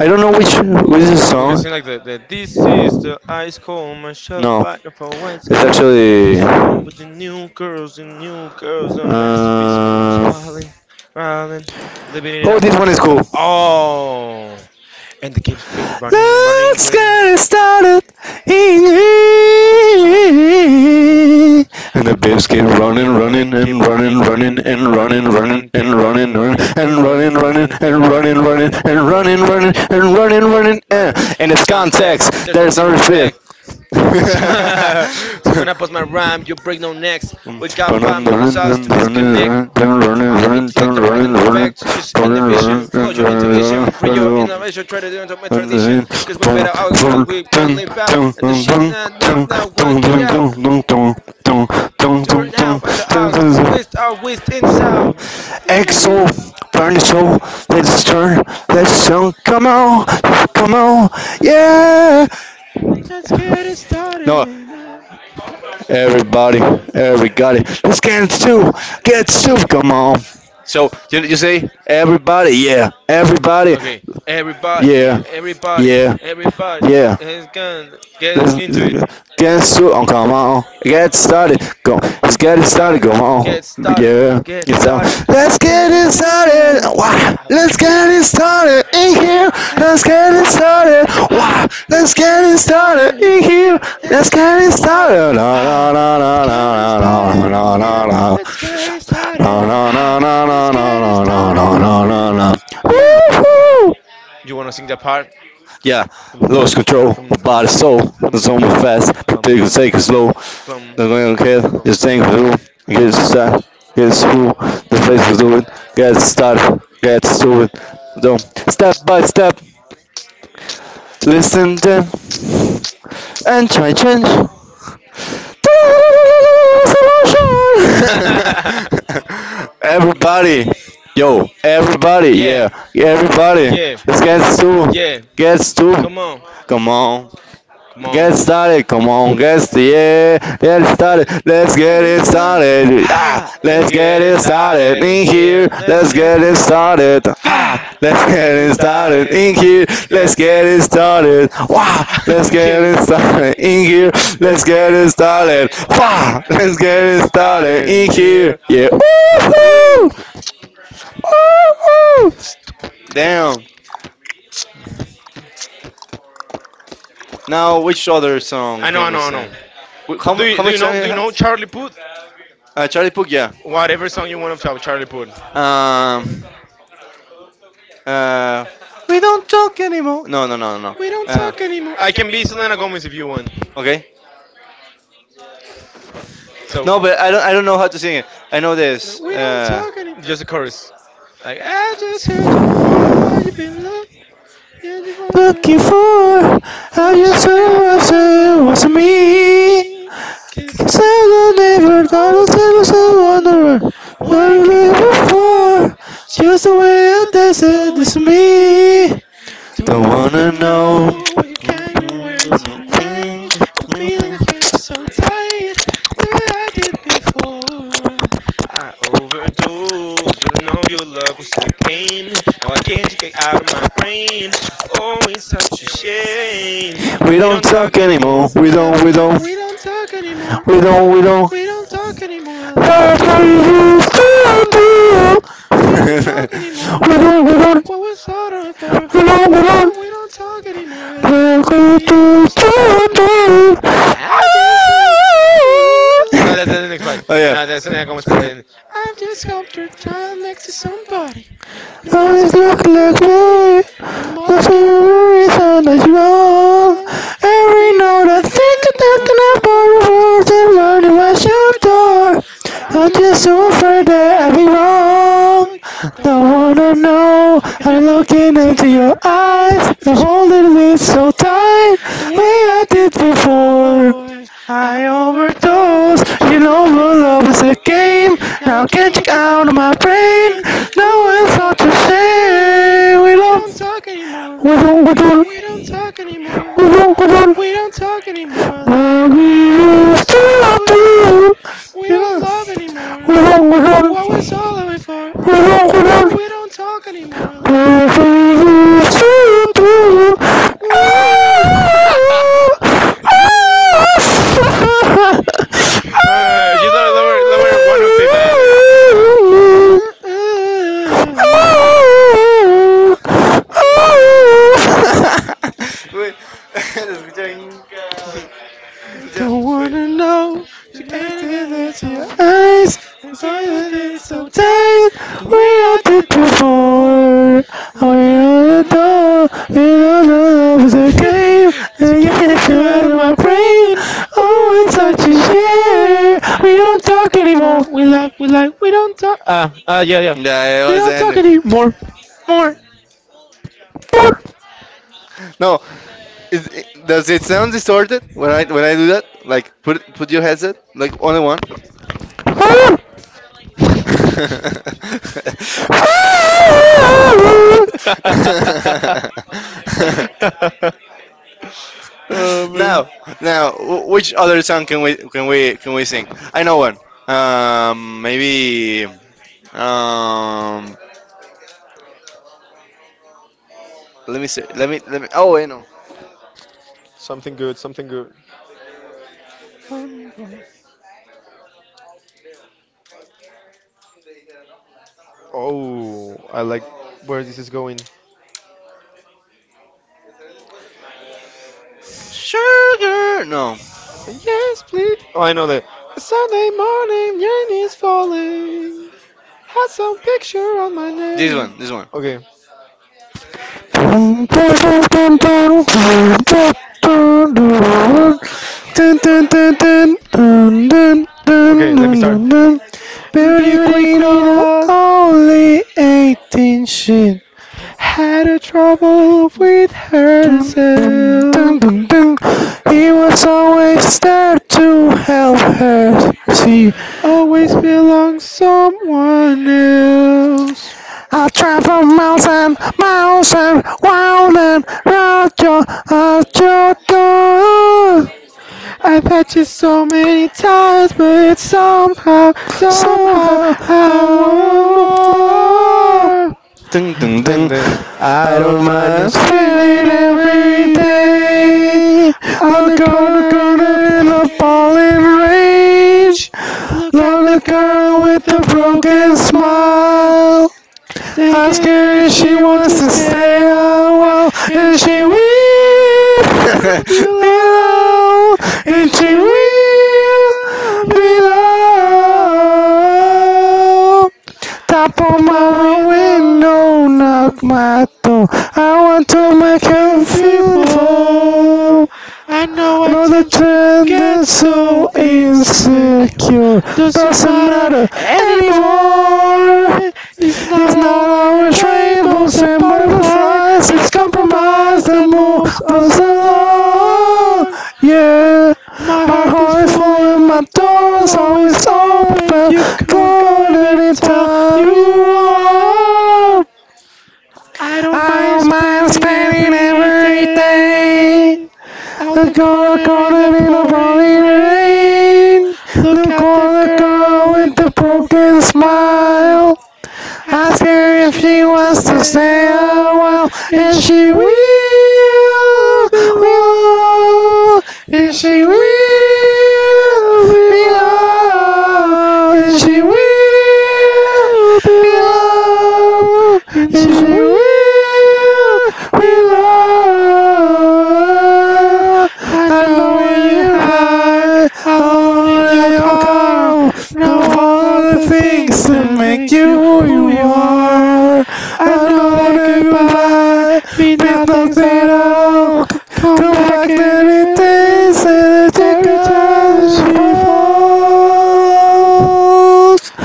[SPEAKER 2] I don't know which is
[SPEAKER 1] we
[SPEAKER 2] the
[SPEAKER 1] can
[SPEAKER 2] song.
[SPEAKER 1] sing like the this is the ice cold Michelle
[SPEAKER 2] No,
[SPEAKER 1] fighting for what's
[SPEAKER 2] it's
[SPEAKER 1] cold.
[SPEAKER 2] actually.
[SPEAKER 1] This one with the new girls and new girls a mess
[SPEAKER 2] Uh,
[SPEAKER 1] swallowing, rolling, living it
[SPEAKER 2] oh,
[SPEAKER 1] up.
[SPEAKER 2] this one is cool.
[SPEAKER 1] Oh. And the keeps been running, running,
[SPEAKER 2] Let's
[SPEAKER 1] running.
[SPEAKER 2] get started. And the
[SPEAKER 1] And bass
[SPEAKER 2] babes keep
[SPEAKER 1] keeps
[SPEAKER 2] running,
[SPEAKER 1] running,
[SPEAKER 2] running,
[SPEAKER 1] running,
[SPEAKER 2] and
[SPEAKER 1] keep
[SPEAKER 2] running,
[SPEAKER 1] running,
[SPEAKER 2] running,
[SPEAKER 1] running, keep
[SPEAKER 2] and running,
[SPEAKER 1] running,
[SPEAKER 2] running,
[SPEAKER 1] running,
[SPEAKER 2] and
[SPEAKER 1] keep
[SPEAKER 2] running,
[SPEAKER 1] running,
[SPEAKER 2] running,
[SPEAKER 1] running, I'm
[SPEAKER 2] and running,
[SPEAKER 1] running,
[SPEAKER 2] running,
[SPEAKER 1] running,
[SPEAKER 2] and
[SPEAKER 1] I'm
[SPEAKER 2] running,
[SPEAKER 1] running,
[SPEAKER 2] running,
[SPEAKER 1] running, I'm
[SPEAKER 2] and running,
[SPEAKER 1] running,
[SPEAKER 2] running,
[SPEAKER 1] running.
[SPEAKER 2] and running, running. And
[SPEAKER 1] Uh, in
[SPEAKER 2] in
[SPEAKER 1] this
[SPEAKER 2] this
[SPEAKER 1] context,
[SPEAKER 2] context,
[SPEAKER 1] no
[SPEAKER 2] there's no fit.
[SPEAKER 1] disrespect. [laughs] So when I
[SPEAKER 2] [laughs]
[SPEAKER 1] post my rhyme, you break no necks. We got 5 minutes hours to
[SPEAKER 2] Exo,
[SPEAKER 1] disconnect from other intellect, the rhythm effects. Just innovation, follow your intuition, free your innovation, try to do into my tradition. Cause we better out, cause we will live out. And the shit now, now, now, work it out. During out of the out, with our with in sound. And every-
[SPEAKER 2] Parniso, let's turn, come on, come on, yeah!
[SPEAKER 1] Let's get it
[SPEAKER 2] No,
[SPEAKER 1] started.
[SPEAKER 2] Everybody, everybody, get two, come on.
[SPEAKER 1] Okay,
[SPEAKER 2] So you say everybody,
[SPEAKER 1] everybody,
[SPEAKER 2] yeah, everybody,
[SPEAKER 1] yeah, everybody,
[SPEAKER 2] yeah,
[SPEAKER 1] everybody,
[SPEAKER 2] yeah, yeah.
[SPEAKER 1] is gonna
[SPEAKER 2] Let's
[SPEAKER 1] get into it.
[SPEAKER 2] get started. Oh, come on. Get started. Go. Let's get it started.
[SPEAKER 1] Started,
[SPEAKER 2] Come on.
[SPEAKER 1] get started,
[SPEAKER 2] Yeah.
[SPEAKER 1] get
[SPEAKER 2] It's on.
[SPEAKER 1] started.
[SPEAKER 2] Let's
[SPEAKER 1] Get
[SPEAKER 2] get
[SPEAKER 1] it
[SPEAKER 2] it started.
[SPEAKER 1] started.
[SPEAKER 2] Wow.
[SPEAKER 1] Ah,
[SPEAKER 2] Let's
[SPEAKER 1] let's get
[SPEAKER 2] get
[SPEAKER 1] it
[SPEAKER 2] it
[SPEAKER 1] started
[SPEAKER 2] started in
[SPEAKER 1] here.
[SPEAKER 2] here.
[SPEAKER 1] Let's
[SPEAKER 2] Let's
[SPEAKER 1] get
[SPEAKER 2] get
[SPEAKER 1] it
[SPEAKER 2] it
[SPEAKER 1] started.
[SPEAKER 2] started. Wow.
[SPEAKER 1] Ah, let's
[SPEAKER 2] Let's
[SPEAKER 1] get
[SPEAKER 2] get
[SPEAKER 1] it
[SPEAKER 2] it started
[SPEAKER 1] started in
[SPEAKER 2] in here.
[SPEAKER 1] here. Let's
[SPEAKER 2] Let's get
[SPEAKER 1] get it
[SPEAKER 2] it
[SPEAKER 1] started.
[SPEAKER 2] started. No, no,
[SPEAKER 1] Ah,
[SPEAKER 2] no,
[SPEAKER 1] let's
[SPEAKER 2] no,
[SPEAKER 1] get it
[SPEAKER 2] no, no,
[SPEAKER 1] started in
[SPEAKER 2] no,
[SPEAKER 1] here.
[SPEAKER 2] no, no, no.
[SPEAKER 1] Let's get it
[SPEAKER 2] No,
[SPEAKER 1] started.
[SPEAKER 2] no, no,
[SPEAKER 1] Ah,
[SPEAKER 2] no,
[SPEAKER 1] let's
[SPEAKER 2] no,
[SPEAKER 1] get it
[SPEAKER 2] no, no,
[SPEAKER 1] started
[SPEAKER 2] no,
[SPEAKER 1] in
[SPEAKER 2] no,
[SPEAKER 1] here.
[SPEAKER 2] no, no.
[SPEAKER 1] Yeah.
[SPEAKER 2] Woohoo!
[SPEAKER 1] You wanna sing that part?
[SPEAKER 2] Yeah, lost
[SPEAKER 1] [laughs]
[SPEAKER 2] control
[SPEAKER 1] Dum,
[SPEAKER 2] of body, soul. The zone was fast, the big was take it slow.
[SPEAKER 1] dum.
[SPEAKER 2] The going to care, just think the room. Get shot, get through the face do it. Get started, get to it. Don't step by step, listen then, and try change. [laughs] Everybody, yo, everybody,
[SPEAKER 1] Yeah,
[SPEAKER 2] yeah, everybody.
[SPEAKER 1] yeah,
[SPEAKER 2] Let's get to,
[SPEAKER 1] yeah.
[SPEAKER 2] get to.
[SPEAKER 1] Come on.
[SPEAKER 2] Come on.
[SPEAKER 1] Come on.
[SPEAKER 2] Get started,
[SPEAKER 1] Come
[SPEAKER 2] come
[SPEAKER 1] on.
[SPEAKER 2] on, get started, yeah, get
[SPEAKER 1] Get
[SPEAKER 2] started, let's get it
[SPEAKER 1] it.
[SPEAKER 2] started,
[SPEAKER 1] Ah,
[SPEAKER 2] ah,
[SPEAKER 1] let's
[SPEAKER 2] let's get
[SPEAKER 1] get it
[SPEAKER 2] it started,
[SPEAKER 1] started in
[SPEAKER 2] in here,
[SPEAKER 1] here. Let's
[SPEAKER 2] let's
[SPEAKER 1] get
[SPEAKER 2] get
[SPEAKER 1] it.
[SPEAKER 2] it started, ah,
[SPEAKER 1] Fa!
[SPEAKER 2] let's get it started,
[SPEAKER 1] Started in
[SPEAKER 2] in
[SPEAKER 1] here.
[SPEAKER 2] here,
[SPEAKER 1] Let's
[SPEAKER 2] let's
[SPEAKER 1] get
[SPEAKER 2] get it
[SPEAKER 1] it.
[SPEAKER 2] started,
[SPEAKER 1] Fa!
[SPEAKER 2] wow, let's
[SPEAKER 1] Let's [laughs] get
[SPEAKER 2] get
[SPEAKER 1] it
[SPEAKER 2] it started,
[SPEAKER 1] started in
[SPEAKER 2] in
[SPEAKER 1] here.
[SPEAKER 2] here, let's
[SPEAKER 1] Let's
[SPEAKER 2] get
[SPEAKER 1] get
[SPEAKER 2] it
[SPEAKER 1] it
[SPEAKER 2] started,
[SPEAKER 1] started. Fa!
[SPEAKER 2] wow, let's
[SPEAKER 1] Let's
[SPEAKER 2] get
[SPEAKER 1] get it
[SPEAKER 2] it started,
[SPEAKER 1] started in
[SPEAKER 2] in here,
[SPEAKER 1] here.
[SPEAKER 2] yeah, woohoo,
[SPEAKER 1] Woo!
[SPEAKER 2] woohoo. Damn, now which other song?
[SPEAKER 1] I know, I know, I know.
[SPEAKER 2] Wh-
[SPEAKER 1] Do you,
[SPEAKER 2] How,
[SPEAKER 1] do you know do you know Charlie Puth?
[SPEAKER 2] Charlie Puth, yeah.
[SPEAKER 1] Whatever song you want of Charlie Puth.
[SPEAKER 2] Um, Uh, we don't talk anymore. No, no, no, no.
[SPEAKER 1] We don't
[SPEAKER 2] Uh,
[SPEAKER 1] talk anymore. I can be Selena Gomez if you want.
[SPEAKER 2] okay.
[SPEAKER 1] So
[SPEAKER 2] No, but I don't. I don't know how to sing it. I know this.
[SPEAKER 1] we don't talk anymore. Just a chorus. Like I just heard you wonder why you been look and you won't
[SPEAKER 2] Looking
[SPEAKER 1] been look.
[SPEAKER 2] for
[SPEAKER 1] I
[SPEAKER 2] how you
[SPEAKER 1] wish I
[SPEAKER 2] saw was
[SPEAKER 1] had
[SPEAKER 2] it was
[SPEAKER 1] wasn't
[SPEAKER 2] me.
[SPEAKER 1] me. Kiss
[SPEAKER 2] Cause I don't
[SPEAKER 1] and
[SPEAKER 2] ever
[SPEAKER 1] after
[SPEAKER 2] thought
[SPEAKER 1] all this
[SPEAKER 2] I was
[SPEAKER 1] time, I wonder
[SPEAKER 2] wonder
[SPEAKER 1] why I can't move on.
[SPEAKER 2] before. Just
[SPEAKER 1] Just the
[SPEAKER 2] the
[SPEAKER 1] way
[SPEAKER 2] way I
[SPEAKER 1] you did
[SPEAKER 2] dance it
[SPEAKER 1] so
[SPEAKER 2] is
[SPEAKER 1] easily.
[SPEAKER 2] me.
[SPEAKER 1] Don't
[SPEAKER 2] Don't
[SPEAKER 1] wanna
[SPEAKER 2] wanna know.
[SPEAKER 1] know what you can be wearing tonight. The feeling I can't be so tight, the way I did before. I overdosed. You don't know your love was a game. Now I can't get out of my brain. Oh, it's such a shame.
[SPEAKER 2] We
[SPEAKER 1] We
[SPEAKER 2] don't
[SPEAKER 1] don't
[SPEAKER 2] talk
[SPEAKER 1] talk
[SPEAKER 2] anymore.
[SPEAKER 1] anymore.
[SPEAKER 2] We
[SPEAKER 1] We love,
[SPEAKER 2] don't.
[SPEAKER 1] we
[SPEAKER 2] We
[SPEAKER 1] love,
[SPEAKER 2] don't.
[SPEAKER 1] we don't talk anymore.
[SPEAKER 2] We don't.
[SPEAKER 1] We don't talk anymore
[SPEAKER 2] [laughs]
[SPEAKER 1] like
[SPEAKER 2] Oh
[SPEAKER 1] we used to do. We don't talk anymore. What we're sorry for. Oh, we don't talk anymore like we used to do. I just hope. No, that's the next part. Oh, yeah.
[SPEAKER 2] yeah.
[SPEAKER 1] No, that's the next
[SPEAKER 2] [laughs]
[SPEAKER 1] part. I just hope you're tied next to somebody who knows
[SPEAKER 2] Always
[SPEAKER 1] that you're
[SPEAKER 2] look like
[SPEAKER 1] lonely.
[SPEAKER 2] me.
[SPEAKER 1] There must
[SPEAKER 2] That's
[SPEAKER 1] be
[SPEAKER 2] the
[SPEAKER 1] a
[SPEAKER 2] reason
[SPEAKER 1] reason that
[SPEAKER 2] it's
[SPEAKER 1] you're
[SPEAKER 2] wrong.
[SPEAKER 1] gone.
[SPEAKER 2] Every
[SPEAKER 1] Every
[SPEAKER 2] note
[SPEAKER 1] now
[SPEAKER 2] I
[SPEAKER 1] and
[SPEAKER 2] think
[SPEAKER 1] then,
[SPEAKER 2] that's enough for the world and running my
[SPEAKER 1] at your door,
[SPEAKER 2] shelter.
[SPEAKER 1] but I'm
[SPEAKER 2] I'm
[SPEAKER 1] just
[SPEAKER 2] just
[SPEAKER 1] too
[SPEAKER 2] so afraid
[SPEAKER 1] afraid
[SPEAKER 2] that
[SPEAKER 1] that
[SPEAKER 2] I'll
[SPEAKER 1] I'll
[SPEAKER 2] be
[SPEAKER 1] be
[SPEAKER 2] wrong.
[SPEAKER 1] wrong. Don't
[SPEAKER 2] Don't
[SPEAKER 1] wanna
[SPEAKER 2] wanna
[SPEAKER 1] know
[SPEAKER 2] know.
[SPEAKER 1] you
[SPEAKER 2] I'm
[SPEAKER 1] look
[SPEAKER 2] looking
[SPEAKER 1] in
[SPEAKER 2] into your
[SPEAKER 1] her eyes,
[SPEAKER 2] eyes.
[SPEAKER 1] if
[SPEAKER 2] I'm
[SPEAKER 1] she's holding
[SPEAKER 2] holding
[SPEAKER 1] on
[SPEAKER 2] it
[SPEAKER 1] to
[SPEAKER 2] so
[SPEAKER 1] so tight,
[SPEAKER 2] tight.
[SPEAKER 1] the way
[SPEAKER 2] Way I
[SPEAKER 1] I
[SPEAKER 2] did
[SPEAKER 1] did
[SPEAKER 2] before.
[SPEAKER 1] before.
[SPEAKER 2] I
[SPEAKER 1] I overdosed.
[SPEAKER 2] overdosed,
[SPEAKER 1] She
[SPEAKER 2] you
[SPEAKER 1] didn't
[SPEAKER 2] know
[SPEAKER 1] know your
[SPEAKER 2] my
[SPEAKER 1] love
[SPEAKER 2] love
[SPEAKER 1] was
[SPEAKER 2] is a
[SPEAKER 1] a game.
[SPEAKER 2] game.
[SPEAKER 1] Now I
[SPEAKER 2] Now
[SPEAKER 1] can't
[SPEAKER 2] get you
[SPEAKER 1] get you
[SPEAKER 2] out
[SPEAKER 1] out
[SPEAKER 2] of
[SPEAKER 1] of
[SPEAKER 2] my
[SPEAKER 1] my
[SPEAKER 2] brain.
[SPEAKER 1] grave. Ooh,
[SPEAKER 2] No
[SPEAKER 1] it's
[SPEAKER 2] one's thought
[SPEAKER 1] such
[SPEAKER 2] to
[SPEAKER 1] a shame.
[SPEAKER 2] say we
[SPEAKER 1] We don't
[SPEAKER 2] love.
[SPEAKER 1] talk anymore.
[SPEAKER 2] We don't, we don't,
[SPEAKER 1] We don't talk anymore.
[SPEAKER 2] we don't.
[SPEAKER 1] We don't talk anymore like we
[SPEAKER 2] Love to.
[SPEAKER 1] used
[SPEAKER 2] Stop
[SPEAKER 1] to do.
[SPEAKER 2] you.
[SPEAKER 1] We
[SPEAKER 2] You
[SPEAKER 1] don't
[SPEAKER 2] know,
[SPEAKER 1] love
[SPEAKER 2] we
[SPEAKER 1] anymore. What
[SPEAKER 2] don't,
[SPEAKER 1] was all
[SPEAKER 2] we
[SPEAKER 1] of it for?
[SPEAKER 2] we
[SPEAKER 1] Ooh, we
[SPEAKER 2] don't.
[SPEAKER 1] don't talk anymore like we used to do. Ooh. [laughs] [laughs] Just lower, lower, lower one octave back. Don't wanna know. Check it again, it's alright.
[SPEAKER 2] Eyes
[SPEAKER 1] Again, then it's so tight. The way
[SPEAKER 2] we're
[SPEAKER 1] I
[SPEAKER 2] did
[SPEAKER 1] did before.
[SPEAKER 2] before. We're
[SPEAKER 1] Na
[SPEAKER 2] on
[SPEAKER 1] na
[SPEAKER 2] the
[SPEAKER 1] na.
[SPEAKER 2] door.
[SPEAKER 1] Na
[SPEAKER 2] We're on the love
[SPEAKER 1] na
[SPEAKER 2] the
[SPEAKER 1] [laughs] out.
[SPEAKER 2] game. The
[SPEAKER 1] But you
[SPEAKER 2] yes
[SPEAKER 1] can't get you out of
[SPEAKER 2] in
[SPEAKER 1] my
[SPEAKER 2] my brain.
[SPEAKER 1] brain. Ooh,
[SPEAKER 2] Always
[SPEAKER 1] it's
[SPEAKER 2] such
[SPEAKER 1] such
[SPEAKER 2] a
[SPEAKER 1] a shame.
[SPEAKER 2] share. We
[SPEAKER 1] We
[SPEAKER 2] don't
[SPEAKER 1] don't talk
[SPEAKER 2] talk
[SPEAKER 1] anymore.
[SPEAKER 2] anymore.
[SPEAKER 1] We like, we like, we don't talk. Ah, ah, yeah, yeah.
[SPEAKER 2] Yeah, it
[SPEAKER 1] We don't talk
[SPEAKER 2] wasn't.
[SPEAKER 1] anymore.
[SPEAKER 2] More. More. No, is it, does it sound distorted when I do that? Like put your headset like only one.
[SPEAKER 1] [laughs]
[SPEAKER 2] [laughs] [laughs]
[SPEAKER 1] Oh man.
[SPEAKER 2] Now, which other song can we sing? I know one. Maybe. Um, Let me see. Let me let me. Oh, I know.
[SPEAKER 1] Something good, something good. Oh, I like where this is going.
[SPEAKER 2] Sugar. No,
[SPEAKER 1] Yes, please. Oh, I know that. Sunday morning, rain is falling. Had some picture on my
[SPEAKER 2] this
[SPEAKER 1] name.
[SPEAKER 2] one. This one.
[SPEAKER 1] Okay, okay, let me start.
[SPEAKER 2] Beauty
[SPEAKER 1] Beauty
[SPEAKER 2] queen,
[SPEAKER 1] queen
[SPEAKER 2] oh,
[SPEAKER 1] of
[SPEAKER 2] only 18 she
[SPEAKER 1] had a trouble with
[SPEAKER 2] dun, dun,
[SPEAKER 1] herself.
[SPEAKER 2] dun, dun, dun. He was always there to help her. See,
[SPEAKER 1] Always belongs someone else.
[SPEAKER 2] I travel miles and miles and round your, at your door.
[SPEAKER 1] I've had you so many times, but somehow,
[SPEAKER 2] So
[SPEAKER 1] somehow,
[SPEAKER 2] how
[SPEAKER 1] I
[SPEAKER 2] I
[SPEAKER 1] want
[SPEAKER 2] want more.
[SPEAKER 1] more.
[SPEAKER 2] Dun, dun,
[SPEAKER 1] Then
[SPEAKER 2] dun.
[SPEAKER 1] then I
[SPEAKER 2] Oh,
[SPEAKER 1] don't mind
[SPEAKER 2] my
[SPEAKER 1] spending
[SPEAKER 2] sweet every
[SPEAKER 1] every day
[SPEAKER 2] day.
[SPEAKER 1] on the
[SPEAKER 2] Look on the
[SPEAKER 1] corner in the
[SPEAKER 2] corner in the falling
[SPEAKER 1] pouring
[SPEAKER 2] rain.
[SPEAKER 1] range. Look out
[SPEAKER 2] Not
[SPEAKER 1] the
[SPEAKER 2] a
[SPEAKER 1] girl
[SPEAKER 2] girl
[SPEAKER 1] with
[SPEAKER 2] with
[SPEAKER 1] the
[SPEAKER 2] a broken
[SPEAKER 1] broken smile.
[SPEAKER 2] smile. Ask
[SPEAKER 1] Thinking
[SPEAKER 2] her
[SPEAKER 1] if
[SPEAKER 2] if
[SPEAKER 1] she
[SPEAKER 2] she
[SPEAKER 1] wants
[SPEAKER 2] wants
[SPEAKER 1] to
[SPEAKER 2] to
[SPEAKER 1] stay
[SPEAKER 2] stay
[SPEAKER 1] a
[SPEAKER 2] a
[SPEAKER 1] while
[SPEAKER 2] while,
[SPEAKER 1] and
[SPEAKER 2] and she
[SPEAKER 1] she will
[SPEAKER 2] will [laughs]
[SPEAKER 1] be
[SPEAKER 2] be
[SPEAKER 1] loved
[SPEAKER 2] loved, and
[SPEAKER 1] and
[SPEAKER 2] she
[SPEAKER 1] she
[SPEAKER 2] will
[SPEAKER 1] will be
[SPEAKER 2] be
[SPEAKER 1] loved.
[SPEAKER 2] loved. Tap
[SPEAKER 1] Up
[SPEAKER 2] on
[SPEAKER 1] on my
[SPEAKER 2] my
[SPEAKER 1] window,
[SPEAKER 2] window,
[SPEAKER 1] no
[SPEAKER 2] knock my door. I want to
[SPEAKER 1] that
[SPEAKER 2] make
[SPEAKER 1] make
[SPEAKER 2] her
[SPEAKER 1] you beautiful.
[SPEAKER 2] beautiful.
[SPEAKER 1] I know I
[SPEAKER 2] Another
[SPEAKER 1] tend to
[SPEAKER 2] trend
[SPEAKER 1] get
[SPEAKER 2] that's so
[SPEAKER 1] so insecure.
[SPEAKER 2] insecure
[SPEAKER 1] Doesn't
[SPEAKER 2] doesn't
[SPEAKER 1] matter
[SPEAKER 2] matter anymore.
[SPEAKER 1] anymore. It's
[SPEAKER 2] It's
[SPEAKER 1] not
[SPEAKER 2] not
[SPEAKER 1] always
[SPEAKER 2] always
[SPEAKER 1] rainbows
[SPEAKER 2] rainbows
[SPEAKER 1] and
[SPEAKER 2] and
[SPEAKER 1] butterflies.
[SPEAKER 2] butterflies,
[SPEAKER 1] It's
[SPEAKER 2] it's compromise
[SPEAKER 1] compromise
[SPEAKER 2] that
[SPEAKER 1] that moves
[SPEAKER 2] moves
[SPEAKER 1] us
[SPEAKER 2] us along.
[SPEAKER 1] along.
[SPEAKER 2] Yeah,
[SPEAKER 1] My
[SPEAKER 2] my
[SPEAKER 1] heart is
[SPEAKER 2] heart is
[SPEAKER 1] full
[SPEAKER 2] full
[SPEAKER 1] and
[SPEAKER 2] and
[SPEAKER 1] my
[SPEAKER 2] my
[SPEAKER 1] door's
[SPEAKER 2] door's
[SPEAKER 1] always
[SPEAKER 2] always
[SPEAKER 1] open.
[SPEAKER 2] open.
[SPEAKER 1] You can go
[SPEAKER 2] Gone
[SPEAKER 1] anytime
[SPEAKER 2] anytime
[SPEAKER 1] you
[SPEAKER 2] you want.
[SPEAKER 1] want. I don't
[SPEAKER 2] I
[SPEAKER 1] mind
[SPEAKER 2] don't mind
[SPEAKER 1] spending
[SPEAKER 2] spending
[SPEAKER 1] every
[SPEAKER 2] every day,
[SPEAKER 1] day out the
[SPEAKER 2] look on the
[SPEAKER 1] corner in the
[SPEAKER 2] corner in a
[SPEAKER 1] pouring
[SPEAKER 2] pouring
[SPEAKER 1] rain.
[SPEAKER 2] rain.
[SPEAKER 1] Look
[SPEAKER 2] Look
[SPEAKER 1] at the
[SPEAKER 2] on the
[SPEAKER 1] girl
[SPEAKER 2] car
[SPEAKER 1] with
[SPEAKER 2] with a
[SPEAKER 1] the broken
[SPEAKER 2] broken
[SPEAKER 1] smile.
[SPEAKER 2] smile.
[SPEAKER 1] Ask
[SPEAKER 2] Ask
[SPEAKER 1] her if
[SPEAKER 2] her if
[SPEAKER 1] she
[SPEAKER 2] she
[SPEAKER 1] wants to
[SPEAKER 2] wants to
[SPEAKER 1] stay a
[SPEAKER 2] stay a
[SPEAKER 1] while,
[SPEAKER 2] while,
[SPEAKER 1] and
[SPEAKER 2] and she
[SPEAKER 1] she will be loved,
[SPEAKER 2] will, and
[SPEAKER 1] and
[SPEAKER 2] she
[SPEAKER 1] she
[SPEAKER 2] will
[SPEAKER 1] will be
[SPEAKER 2] be
[SPEAKER 1] loved,
[SPEAKER 2] loved,
[SPEAKER 1] and
[SPEAKER 2] and
[SPEAKER 1] she
[SPEAKER 2] she will willow, is she real? Willow, I know where you hide, alone in your call. To follow the things that make you who you are. I know that goodbye means nothing at all. Come back, that it is, and it's because it's far.
[SPEAKER 1] will.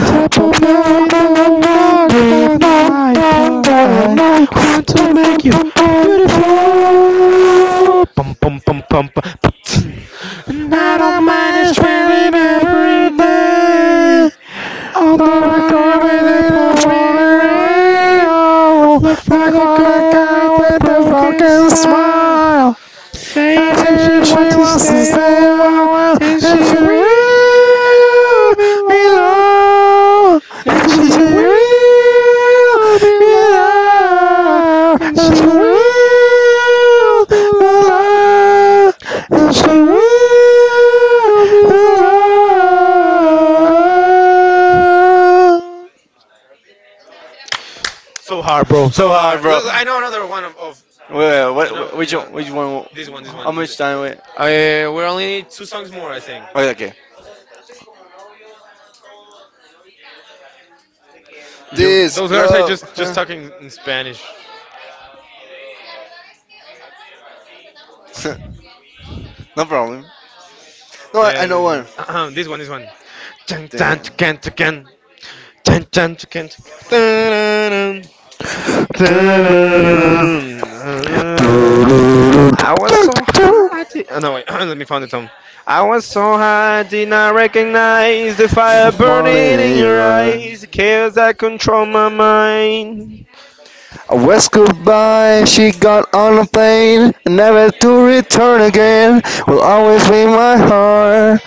[SPEAKER 1] Tap
[SPEAKER 2] And
[SPEAKER 1] on my window, knock on my door. I want to make you beautiful. Bum, bum, bum, bum, bum. And I don't
[SPEAKER 2] am
[SPEAKER 1] mind
[SPEAKER 2] I
[SPEAKER 1] spending
[SPEAKER 2] sweating
[SPEAKER 1] every
[SPEAKER 2] every day?
[SPEAKER 1] day on the
[SPEAKER 2] Love
[SPEAKER 1] run with
[SPEAKER 2] recorded
[SPEAKER 1] the
[SPEAKER 2] in a
[SPEAKER 1] pouring
[SPEAKER 2] foreign
[SPEAKER 1] rain.
[SPEAKER 2] radio.
[SPEAKER 1] Look
[SPEAKER 2] They're
[SPEAKER 1] for the
[SPEAKER 2] gonna
[SPEAKER 1] girl
[SPEAKER 2] go
[SPEAKER 1] with a
[SPEAKER 2] with a
[SPEAKER 1] broken
[SPEAKER 2] broken
[SPEAKER 1] smile,
[SPEAKER 2] smile. I
[SPEAKER 1] saying if she
[SPEAKER 2] feel
[SPEAKER 1] wants
[SPEAKER 2] she
[SPEAKER 1] to
[SPEAKER 2] wants to
[SPEAKER 1] stay a
[SPEAKER 2] stay a
[SPEAKER 1] while,
[SPEAKER 2] while,
[SPEAKER 1] and
[SPEAKER 2] and
[SPEAKER 1] she
[SPEAKER 2] she will
[SPEAKER 1] will be
[SPEAKER 2] be
[SPEAKER 1] loved.
[SPEAKER 2] long.
[SPEAKER 1] And
[SPEAKER 2] [laughs]
[SPEAKER 1] she
[SPEAKER 2] She will
[SPEAKER 1] will be
[SPEAKER 2] be
[SPEAKER 1] loved.
[SPEAKER 2] long, and
[SPEAKER 1] And
[SPEAKER 2] she will
[SPEAKER 1] she will be
[SPEAKER 2] be
[SPEAKER 1] loved.
[SPEAKER 2] long,
[SPEAKER 1] And
[SPEAKER 2] and she
[SPEAKER 1] she
[SPEAKER 2] will
[SPEAKER 1] will
[SPEAKER 2] be
[SPEAKER 1] be loved.
[SPEAKER 2] long.
[SPEAKER 1] So hard, bro. So
[SPEAKER 2] So hard,
[SPEAKER 1] hard.
[SPEAKER 2] bro.
[SPEAKER 1] Look, I know another one of you know,
[SPEAKER 2] What, which one?
[SPEAKER 1] yeah,
[SPEAKER 2] Which one?
[SPEAKER 1] this one, this one.
[SPEAKER 2] How much time? Wait.
[SPEAKER 1] We only need two songs more, I think.
[SPEAKER 2] Okay, okay.
[SPEAKER 1] You,
[SPEAKER 2] This
[SPEAKER 1] those girls are
[SPEAKER 2] love.
[SPEAKER 1] just talking in Spanish.
[SPEAKER 2] [laughs] No problem. No, I know
[SPEAKER 1] Yeah,
[SPEAKER 2] one
[SPEAKER 1] [clears throat] this one, this one. [clears throat] Dun,
[SPEAKER 2] thing.
[SPEAKER 1] dun, dun, dun, dun. Dun, dun, dun, dun, dun, dun, dun. I was so high. I did, oh, no, wait. [clears throat] Let me find the tone. I was so high, I did not recognize the fire
[SPEAKER 2] Morning
[SPEAKER 1] burning in
[SPEAKER 2] in
[SPEAKER 1] your
[SPEAKER 2] your eye.
[SPEAKER 1] eyes. The chaos that control my mind.
[SPEAKER 2] I was goodbye. She got on a plane, never to return again. Will always be my heart.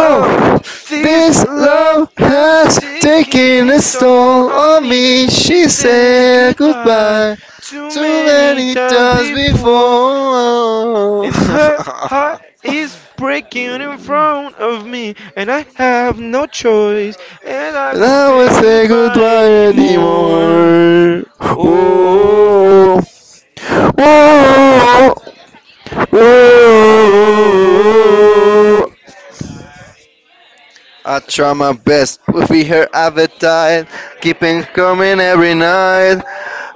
[SPEAKER 1] Oh, this
[SPEAKER 2] this
[SPEAKER 1] love
[SPEAKER 2] love
[SPEAKER 1] has
[SPEAKER 2] has
[SPEAKER 1] taken
[SPEAKER 2] taken
[SPEAKER 1] its
[SPEAKER 2] its
[SPEAKER 1] toll
[SPEAKER 2] toll
[SPEAKER 1] on
[SPEAKER 2] on
[SPEAKER 1] me.
[SPEAKER 2] me.
[SPEAKER 1] She
[SPEAKER 2] She
[SPEAKER 1] said
[SPEAKER 2] said
[SPEAKER 1] goodbye
[SPEAKER 2] goodbye
[SPEAKER 1] too
[SPEAKER 2] too
[SPEAKER 1] many
[SPEAKER 2] many
[SPEAKER 1] times
[SPEAKER 2] times
[SPEAKER 1] before,
[SPEAKER 2] before.
[SPEAKER 1] and her heart
[SPEAKER 2] [laughs]
[SPEAKER 1] is breaking in front of me, and I have no choice, and I can't
[SPEAKER 2] That won't
[SPEAKER 1] feel
[SPEAKER 2] say
[SPEAKER 1] goodbye
[SPEAKER 2] goodbye
[SPEAKER 1] anymore.
[SPEAKER 2] anymore.
[SPEAKER 1] Oh,
[SPEAKER 2] Whoa,
[SPEAKER 1] oh,
[SPEAKER 2] whoa,
[SPEAKER 1] oh, oh,
[SPEAKER 2] whoa.
[SPEAKER 1] oh, oh.
[SPEAKER 2] I
[SPEAKER 1] I
[SPEAKER 2] try
[SPEAKER 1] tried.
[SPEAKER 2] my best to be her appetite, keeping coming every night.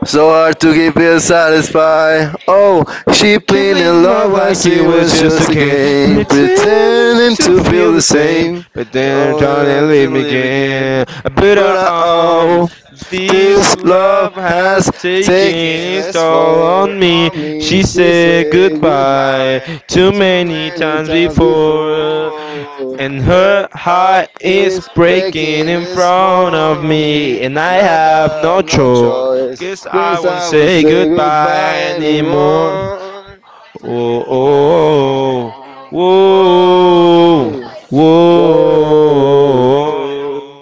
[SPEAKER 2] So hard to keep it satisfied. Oh, she playing in
[SPEAKER 1] Kindling love
[SPEAKER 2] love
[SPEAKER 1] like
[SPEAKER 2] as
[SPEAKER 1] it
[SPEAKER 2] it
[SPEAKER 1] was
[SPEAKER 2] was
[SPEAKER 1] just a
[SPEAKER 2] just a
[SPEAKER 1] game.
[SPEAKER 2] game,
[SPEAKER 1] Pretending
[SPEAKER 2] pretending
[SPEAKER 1] to
[SPEAKER 2] to feel
[SPEAKER 1] feel the
[SPEAKER 2] the
[SPEAKER 1] same,
[SPEAKER 2] same.
[SPEAKER 1] but then
[SPEAKER 2] Oh,
[SPEAKER 1] turn
[SPEAKER 2] I
[SPEAKER 1] and
[SPEAKER 2] have
[SPEAKER 1] leave
[SPEAKER 2] to
[SPEAKER 1] me
[SPEAKER 2] live
[SPEAKER 1] again.
[SPEAKER 2] again,
[SPEAKER 1] But
[SPEAKER 2] but oh.
[SPEAKER 1] this
[SPEAKER 2] This love
[SPEAKER 1] love
[SPEAKER 2] has
[SPEAKER 1] has taken
[SPEAKER 2] taken
[SPEAKER 1] its
[SPEAKER 2] its
[SPEAKER 1] toll
[SPEAKER 2] form
[SPEAKER 1] on me.
[SPEAKER 2] on me.
[SPEAKER 1] She
[SPEAKER 2] She
[SPEAKER 1] said
[SPEAKER 2] said
[SPEAKER 1] goodbye
[SPEAKER 2] goodbye
[SPEAKER 1] too many
[SPEAKER 2] many
[SPEAKER 1] times
[SPEAKER 2] times
[SPEAKER 1] before.
[SPEAKER 2] before.
[SPEAKER 1] And
[SPEAKER 2] There
[SPEAKER 1] her
[SPEAKER 2] I
[SPEAKER 1] heart is
[SPEAKER 2] is breaking
[SPEAKER 1] breaking in
[SPEAKER 2] its
[SPEAKER 1] front of
[SPEAKER 2] form
[SPEAKER 1] me, and I have no
[SPEAKER 2] of
[SPEAKER 1] choice.
[SPEAKER 2] choice,
[SPEAKER 1] Cause I
[SPEAKER 2] cause
[SPEAKER 1] won't
[SPEAKER 2] I will
[SPEAKER 1] say
[SPEAKER 2] say
[SPEAKER 1] goodbye
[SPEAKER 2] goodbye
[SPEAKER 1] anymore.
[SPEAKER 2] anymore.
[SPEAKER 1] Oh, oh, whoa,
[SPEAKER 2] Oh,
[SPEAKER 1] whoa.
[SPEAKER 2] oh,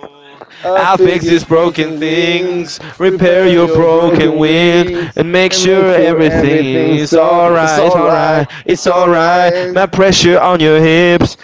[SPEAKER 2] oh. I
[SPEAKER 1] I'll
[SPEAKER 2] think
[SPEAKER 1] fix these
[SPEAKER 2] it's
[SPEAKER 1] broken
[SPEAKER 2] broken
[SPEAKER 1] things,
[SPEAKER 2] wings
[SPEAKER 1] repair
[SPEAKER 2] repair
[SPEAKER 1] your
[SPEAKER 2] your
[SPEAKER 1] broken
[SPEAKER 2] broken
[SPEAKER 1] wings,
[SPEAKER 2] wings
[SPEAKER 1] and make
[SPEAKER 2] and make
[SPEAKER 1] sure
[SPEAKER 2] sure
[SPEAKER 1] everything
[SPEAKER 2] everything's
[SPEAKER 1] is
[SPEAKER 2] all it's
[SPEAKER 1] alright. It's
[SPEAKER 2] alright,
[SPEAKER 1] alright, it's
[SPEAKER 2] it's
[SPEAKER 1] alright.
[SPEAKER 2] alright.
[SPEAKER 1] My pressure on your hips,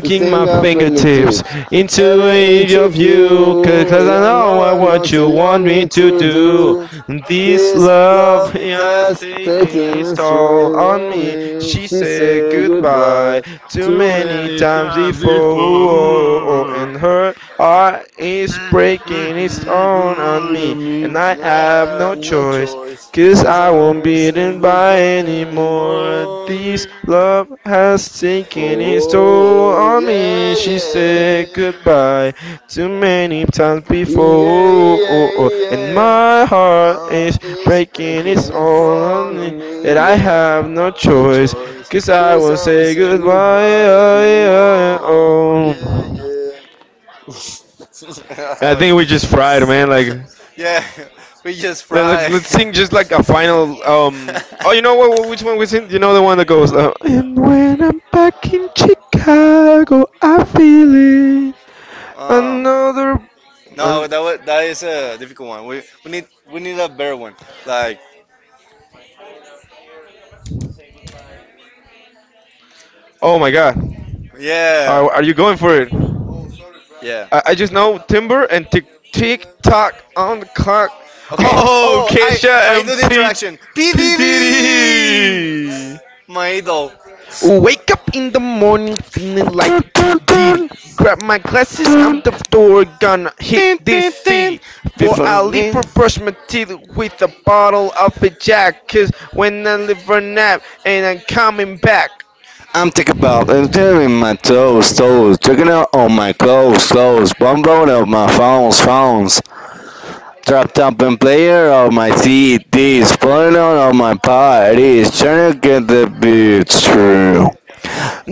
[SPEAKER 2] The
[SPEAKER 1] my
[SPEAKER 2] sting of
[SPEAKER 1] fingertips
[SPEAKER 2] fingertips,
[SPEAKER 1] into
[SPEAKER 2] every
[SPEAKER 1] each
[SPEAKER 2] inch
[SPEAKER 1] of
[SPEAKER 2] of
[SPEAKER 1] you. Cause
[SPEAKER 2] you. You
[SPEAKER 1] I
[SPEAKER 2] don't know
[SPEAKER 1] know
[SPEAKER 2] what
[SPEAKER 1] what
[SPEAKER 2] don't
[SPEAKER 1] you
[SPEAKER 2] you
[SPEAKER 1] want
[SPEAKER 2] want
[SPEAKER 1] me
[SPEAKER 2] me
[SPEAKER 1] to
[SPEAKER 2] to
[SPEAKER 1] do.
[SPEAKER 2] do.
[SPEAKER 1] This
[SPEAKER 2] This
[SPEAKER 1] love
[SPEAKER 2] love
[SPEAKER 1] has
[SPEAKER 2] has
[SPEAKER 1] taken
[SPEAKER 2] taken
[SPEAKER 1] its
[SPEAKER 2] its
[SPEAKER 1] toll
[SPEAKER 2] toll
[SPEAKER 1] on
[SPEAKER 2] on
[SPEAKER 1] me.
[SPEAKER 2] me.
[SPEAKER 1] She
[SPEAKER 2] She
[SPEAKER 1] said
[SPEAKER 2] said goodbye
[SPEAKER 1] goodbye too
[SPEAKER 2] too
[SPEAKER 1] many
[SPEAKER 2] many
[SPEAKER 1] times
[SPEAKER 2] times before.
[SPEAKER 1] before, and her heart is
[SPEAKER 2] She
[SPEAKER 1] breaking its own on me,
[SPEAKER 2] couldn't
[SPEAKER 1] and
[SPEAKER 2] mean I
[SPEAKER 1] I have no
[SPEAKER 2] have no
[SPEAKER 1] choice.
[SPEAKER 2] choice.
[SPEAKER 1] 'Cause I won't be eaten by
[SPEAKER 2] Come
[SPEAKER 1] anymore. This
[SPEAKER 2] on.
[SPEAKER 1] love has taken its toll
[SPEAKER 2] Oh,
[SPEAKER 1] on me. She said goodbye too many times
[SPEAKER 2] yeah,
[SPEAKER 1] before. And my heart is breaking. It's all on
[SPEAKER 2] thrown
[SPEAKER 1] me
[SPEAKER 2] on
[SPEAKER 1] and I have no choice.
[SPEAKER 2] Joyce.
[SPEAKER 1] 'Cause I won't say goodbye. Oh, yeah, oh.
[SPEAKER 2] Yeah,
[SPEAKER 1] I
[SPEAKER 2] yeah.
[SPEAKER 1] think we just fried, man. Like.
[SPEAKER 2] [laughs] Yeah, we just
[SPEAKER 1] Let's
[SPEAKER 2] fry.
[SPEAKER 1] sing just like
[SPEAKER 2] [laughs]
[SPEAKER 1] a final. Oh, you know what? Which one we sing? You know the one that goes. And when I'm back in Chicago, I feel it.
[SPEAKER 2] um,
[SPEAKER 1] Another. An,
[SPEAKER 2] no, that is a difficult one. We need we need a better one. Like
[SPEAKER 1] oh my God.
[SPEAKER 2] yeah,
[SPEAKER 1] Are you going for it?
[SPEAKER 2] yeah.
[SPEAKER 1] I just know Timber and Tick Tock on the clock.
[SPEAKER 2] Okay.
[SPEAKER 1] Oh,
[SPEAKER 2] Oh, I
[SPEAKER 1] Kesha
[SPEAKER 2] I
[SPEAKER 1] and
[SPEAKER 2] do the interaction.
[SPEAKER 1] P
[SPEAKER 2] PDD,
[SPEAKER 1] Diddy.
[SPEAKER 2] my idol.
[SPEAKER 1] Wake up in the morning feeling like Diddy, grab my glasses, I'm the door, gonna
[SPEAKER 2] Din,
[SPEAKER 1] hit this
[SPEAKER 2] din, din.
[SPEAKER 1] city. For
[SPEAKER 2] Before
[SPEAKER 1] I leap
[SPEAKER 2] din.
[SPEAKER 1] or brush my teeth with a bottle of a jack. Cause when I leave for nap and I'm coming back.
[SPEAKER 2] I'm thinking about and tearing my toes, toes, checking out all my clothes, clothes, bumbling of my phones, phones. Dropped up and player of my CDs, pulling out all my parties, trying to get the beats through.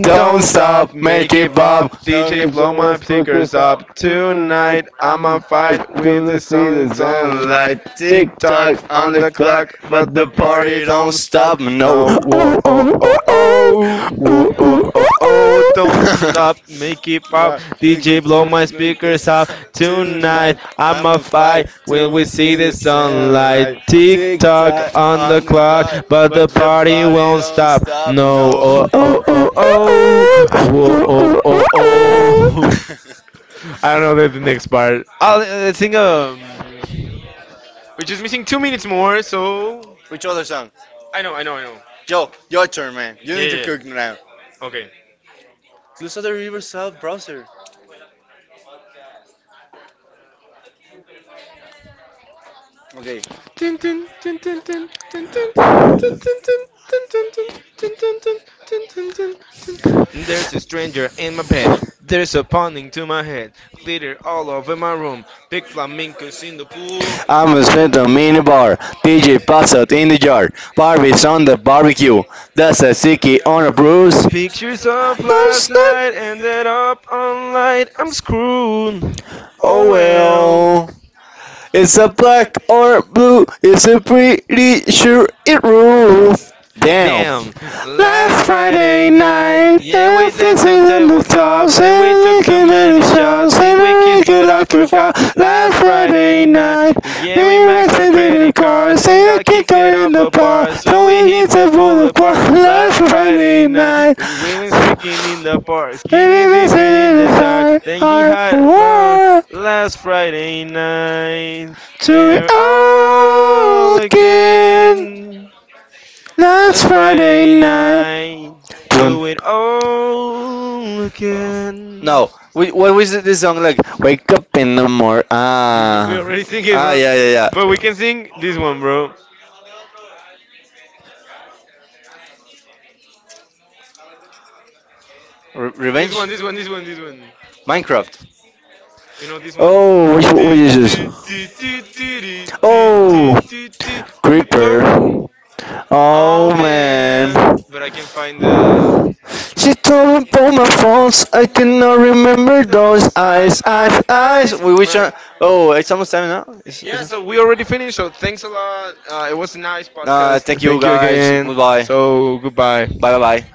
[SPEAKER 2] Don't
[SPEAKER 1] Don't stop,
[SPEAKER 2] stop, make
[SPEAKER 1] make
[SPEAKER 2] it
[SPEAKER 1] it
[SPEAKER 2] bob.
[SPEAKER 1] pop.
[SPEAKER 2] Love
[SPEAKER 1] DJ,
[SPEAKER 2] me
[SPEAKER 1] blow
[SPEAKER 2] so
[SPEAKER 1] my
[SPEAKER 2] much, book
[SPEAKER 1] speakers
[SPEAKER 2] this
[SPEAKER 1] up.
[SPEAKER 2] up tonight.
[SPEAKER 1] Tonight, I'ma
[SPEAKER 2] I'ma fight
[SPEAKER 1] fight with
[SPEAKER 2] to the
[SPEAKER 1] the
[SPEAKER 2] sea, the
[SPEAKER 1] sunlight.
[SPEAKER 2] sunlight. Tick
[SPEAKER 1] Tick tock
[SPEAKER 2] tock on
[SPEAKER 1] on
[SPEAKER 2] the
[SPEAKER 1] the
[SPEAKER 2] clock,
[SPEAKER 1] clock,
[SPEAKER 2] but
[SPEAKER 1] but
[SPEAKER 2] the
[SPEAKER 1] the party
[SPEAKER 2] party don't
[SPEAKER 1] don't stop.
[SPEAKER 2] stop. No.
[SPEAKER 1] No, whoa, oh, oh, oh, whoa, oh, oh, oh, don't
[SPEAKER 2] [laughs]
[SPEAKER 1] stop,
[SPEAKER 2] [laughs]
[SPEAKER 1] make it pop.
[SPEAKER 2] But
[SPEAKER 1] DJ, blow my speakers up.
[SPEAKER 2] tonight,
[SPEAKER 1] Tonight, I'm going to
[SPEAKER 2] fight.
[SPEAKER 1] fight. Will we
[SPEAKER 2] See
[SPEAKER 1] see the
[SPEAKER 2] the
[SPEAKER 1] sunlight?
[SPEAKER 2] sunlight.
[SPEAKER 1] Tick
[SPEAKER 2] Tick
[SPEAKER 1] tock
[SPEAKER 2] tock,
[SPEAKER 1] on the clock,
[SPEAKER 2] but
[SPEAKER 1] but the
[SPEAKER 2] the
[SPEAKER 1] party
[SPEAKER 2] party
[SPEAKER 1] won't
[SPEAKER 2] don't
[SPEAKER 1] stop.
[SPEAKER 2] stop.
[SPEAKER 1] No, oh, oh, oh, oh, whoa, oh, oh, oh.
[SPEAKER 2] [laughs]
[SPEAKER 1] [laughs] I don't know the next part. I'll sing. We're just missing 2 minutes more, so
[SPEAKER 2] Which other song?
[SPEAKER 1] I know, I know, I know. Joe,
[SPEAKER 2] Yo, your turn,
[SPEAKER 1] man,
[SPEAKER 2] man.
[SPEAKER 1] you Yeah,
[SPEAKER 2] You need
[SPEAKER 1] need
[SPEAKER 2] to
[SPEAKER 1] yeah. to
[SPEAKER 2] cook
[SPEAKER 1] click
[SPEAKER 2] now.
[SPEAKER 1] now. Okay.
[SPEAKER 2] Close the river south browser. Okay.
[SPEAKER 1] Dun, dun, dun, dun, dun, dun, dun, dun, dun, dun, dun, dun, dun, dun, dun, dun, dun, dun, dun, dun, dun. There's a stranger in my bed. There's a pounding to my head. Glitter all over my room. Big flamingos in the pool.
[SPEAKER 2] I'm a set mini bar. DJ pops out in the jar. Barbie's on the barbecue. That's
[SPEAKER 1] That's
[SPEAKER 2] a
[SPEAKER 1] a
[SPEAKER 2] sticky
[SPEAKER 1] sticky
[SPEAKER 2] on
[SPEAKER 1] on
[SPEAKER 2] a
[SPEAKER 1] a
[SPEAKER 2] bruise.
[SPEAKER 1] bruise. Pictures of last
[SPEAKER 2] That's not.
[SPEAKER 1] night ended up on light. I'm screwed. Oh
[SPEAKER 2] Oh
[SPEAKER 1] well.
[SPEAKER 2] well. It's a black or blue. It's a pretty sure it rules. Damn.
[SPEAKER 1] Damn, last
[SPEAKER 2] Last
[SPEAKER 1] Friday
[SPEAKER 2] Friday
[SPEAKER 1] night,
[SPEAKER 2] night,
[SPEAKER 1] yeah,
[SPEAKER 2] they're
[SPEAKER 1] we danced
[SPEAKER 2] fixing
[SPEAKER 1] on
[SPEAKER 2] on the
[SPEAKER 1] tabletops
[SPEAKER 2] toss
[SPEAKER 1] and we
[SPEAKER 2] and
[SPEAKER 1] took too
[SPEAKER 2] licking in the
[SPEAKER 1] many
[SPEAKER 2] shots
[SPEAKER 1] shots. Think
[SPEAKER 2] and
[SPEAKER 1] we
[SPEAKER 2] they're
[SPEAKER 1] kissed,
[SPEAKER 2] making
[SPEAKER 1] but I
[SPEAKER 2] lucky fall.
[SPEAKER 1] forgot.
[SPEAKER 2] Last
[SPEAKER 1] Last Friday
[SPEAKER 2] Friday
[SPEAKER 1] night,
[SPEAKER 2] night,
[SPEAKER 1] yeah, we
[SPEAKER 2] me and
[SPEAKER 1] maxed our
[SPEAKER 2] Winston did the
[SPEAKER 1] credit cards
[SPEAKER 2] chorus
[SPEAKER 1] and
[SPEAKER 2] and a
[SPEAKER 1] got
[SPEAKER 2] kick
[SPEAKER 1] kicked it
[SPEAKER 2] her in
[SPEAKER 1] off
[SPEAKER 2] the
[SPEAKER 1] a
[SPEAKER 2] ball.
[SPEAKER 1] bar. So we
[SPEAKER 2] So he
[SPEAKER 1] hit
[SPEAKER 2] gets
[SPEAKER 1] the
[SPEAKER 2] up on the ball
[SPEAKER 1] boulevard
[SPEAKER 2] last
[SPEAKER 1] last Friday
[SPEAKER 2] Friday
[SPEAKER 1] night.
[SPEAKER 2] night.
[SPEAKER 1] We went streaking in the park,
[SPEAKER 2] And
[SPEAKER 1] skinny
[SPEAKER 2] it is
[SPEAKER 1] dipping in
[SPEAKER 2] in
[SPEAKER 1] the
[SPEAKER 2] his
[SPEAKER 1] dark.
[SPEAKER 2] heart,
[SPEAKER 1] Then he
[SPEAKER 2] heart,
[SPEAKER 1] had my
[SPEAKER 2] war
[SPEAKER 1] last Friday night,
[SPEAKER 2] to
[SPEAKER 1] and
[SPEAKER 2] it all
[SPEAKER 1] all
[SPEAKER 2] again.
[SPEAKER 1] again.
[SPEAKER 2] Last
[SPEAKER 1] It's
[SPEAKER 2] Friday
[SPEAKER 1] Friday
[SPEAKER 2] night.
[SPEAKER 1] night.
[SPEAKER 2] Dun.
[SPEAKER 1] Do it all again.
[SPEAKER 2] No, we, what was it, this song like? Wake up in the morning.
[SPEAKER 1] We already sing it, yeah, bro.
[SPEAKER 2] Yeah, yeah,
[SPEAKER 1] But we
[SPEAKER 2] yeah.
[SPEAKER 1] can sing this one, bro. This one, this
[SPEAKER 2] Revenge,
[SPEAKER 1] one, this one, this one.
[SPEAKER 2] Minecraft.
[SPEAKER 1] You know this one?
[SPEAKER 2] Oh, which what
[SPEAKER 1] Ti-
[SPEAKER 2] is
[SPEAKER 1] ti-
[SPEAKER 2] this?
[SPEAKER 1] ti- ti- ti- ti- ti- ti-
[SPEAKER 2] Oh,
[SPEAKER 1] ti- ti-
[SPEAKER 2] creeper.
[SPEAKER 1] Creeper. Oh
[SPEAKER 2] Oh man.
[SPEAKER 1] But I can find the.
[SPEAKER 2] She told me about my faults. I cannot remember those
[SPEAKER 1] Those eyes,
[SPEAKER 2] eyes, eyes,
[SPEAKER 1] eyes,
[SPEAKER 2] eyes.
[SPEAKER 1] eyes.
[SPEAKER 2] We which
[SPEAKER 1] Which
[SPEAKER 2] one? Oh, it's almost time now.
[SPEAKER 1] Yeah, so we already finished. So thanks a lot. It was a nice podcast.
[SPEAKER 2] Thank you
[SPEAKER 1] Thank you
[SPEAKER 2] guys.
[SPEAKER 1] again.
[SPEAKER 2] Goodbye.
[SPEAKER 1] So goodbye.
[SPEAKER 2] Bye bye bye.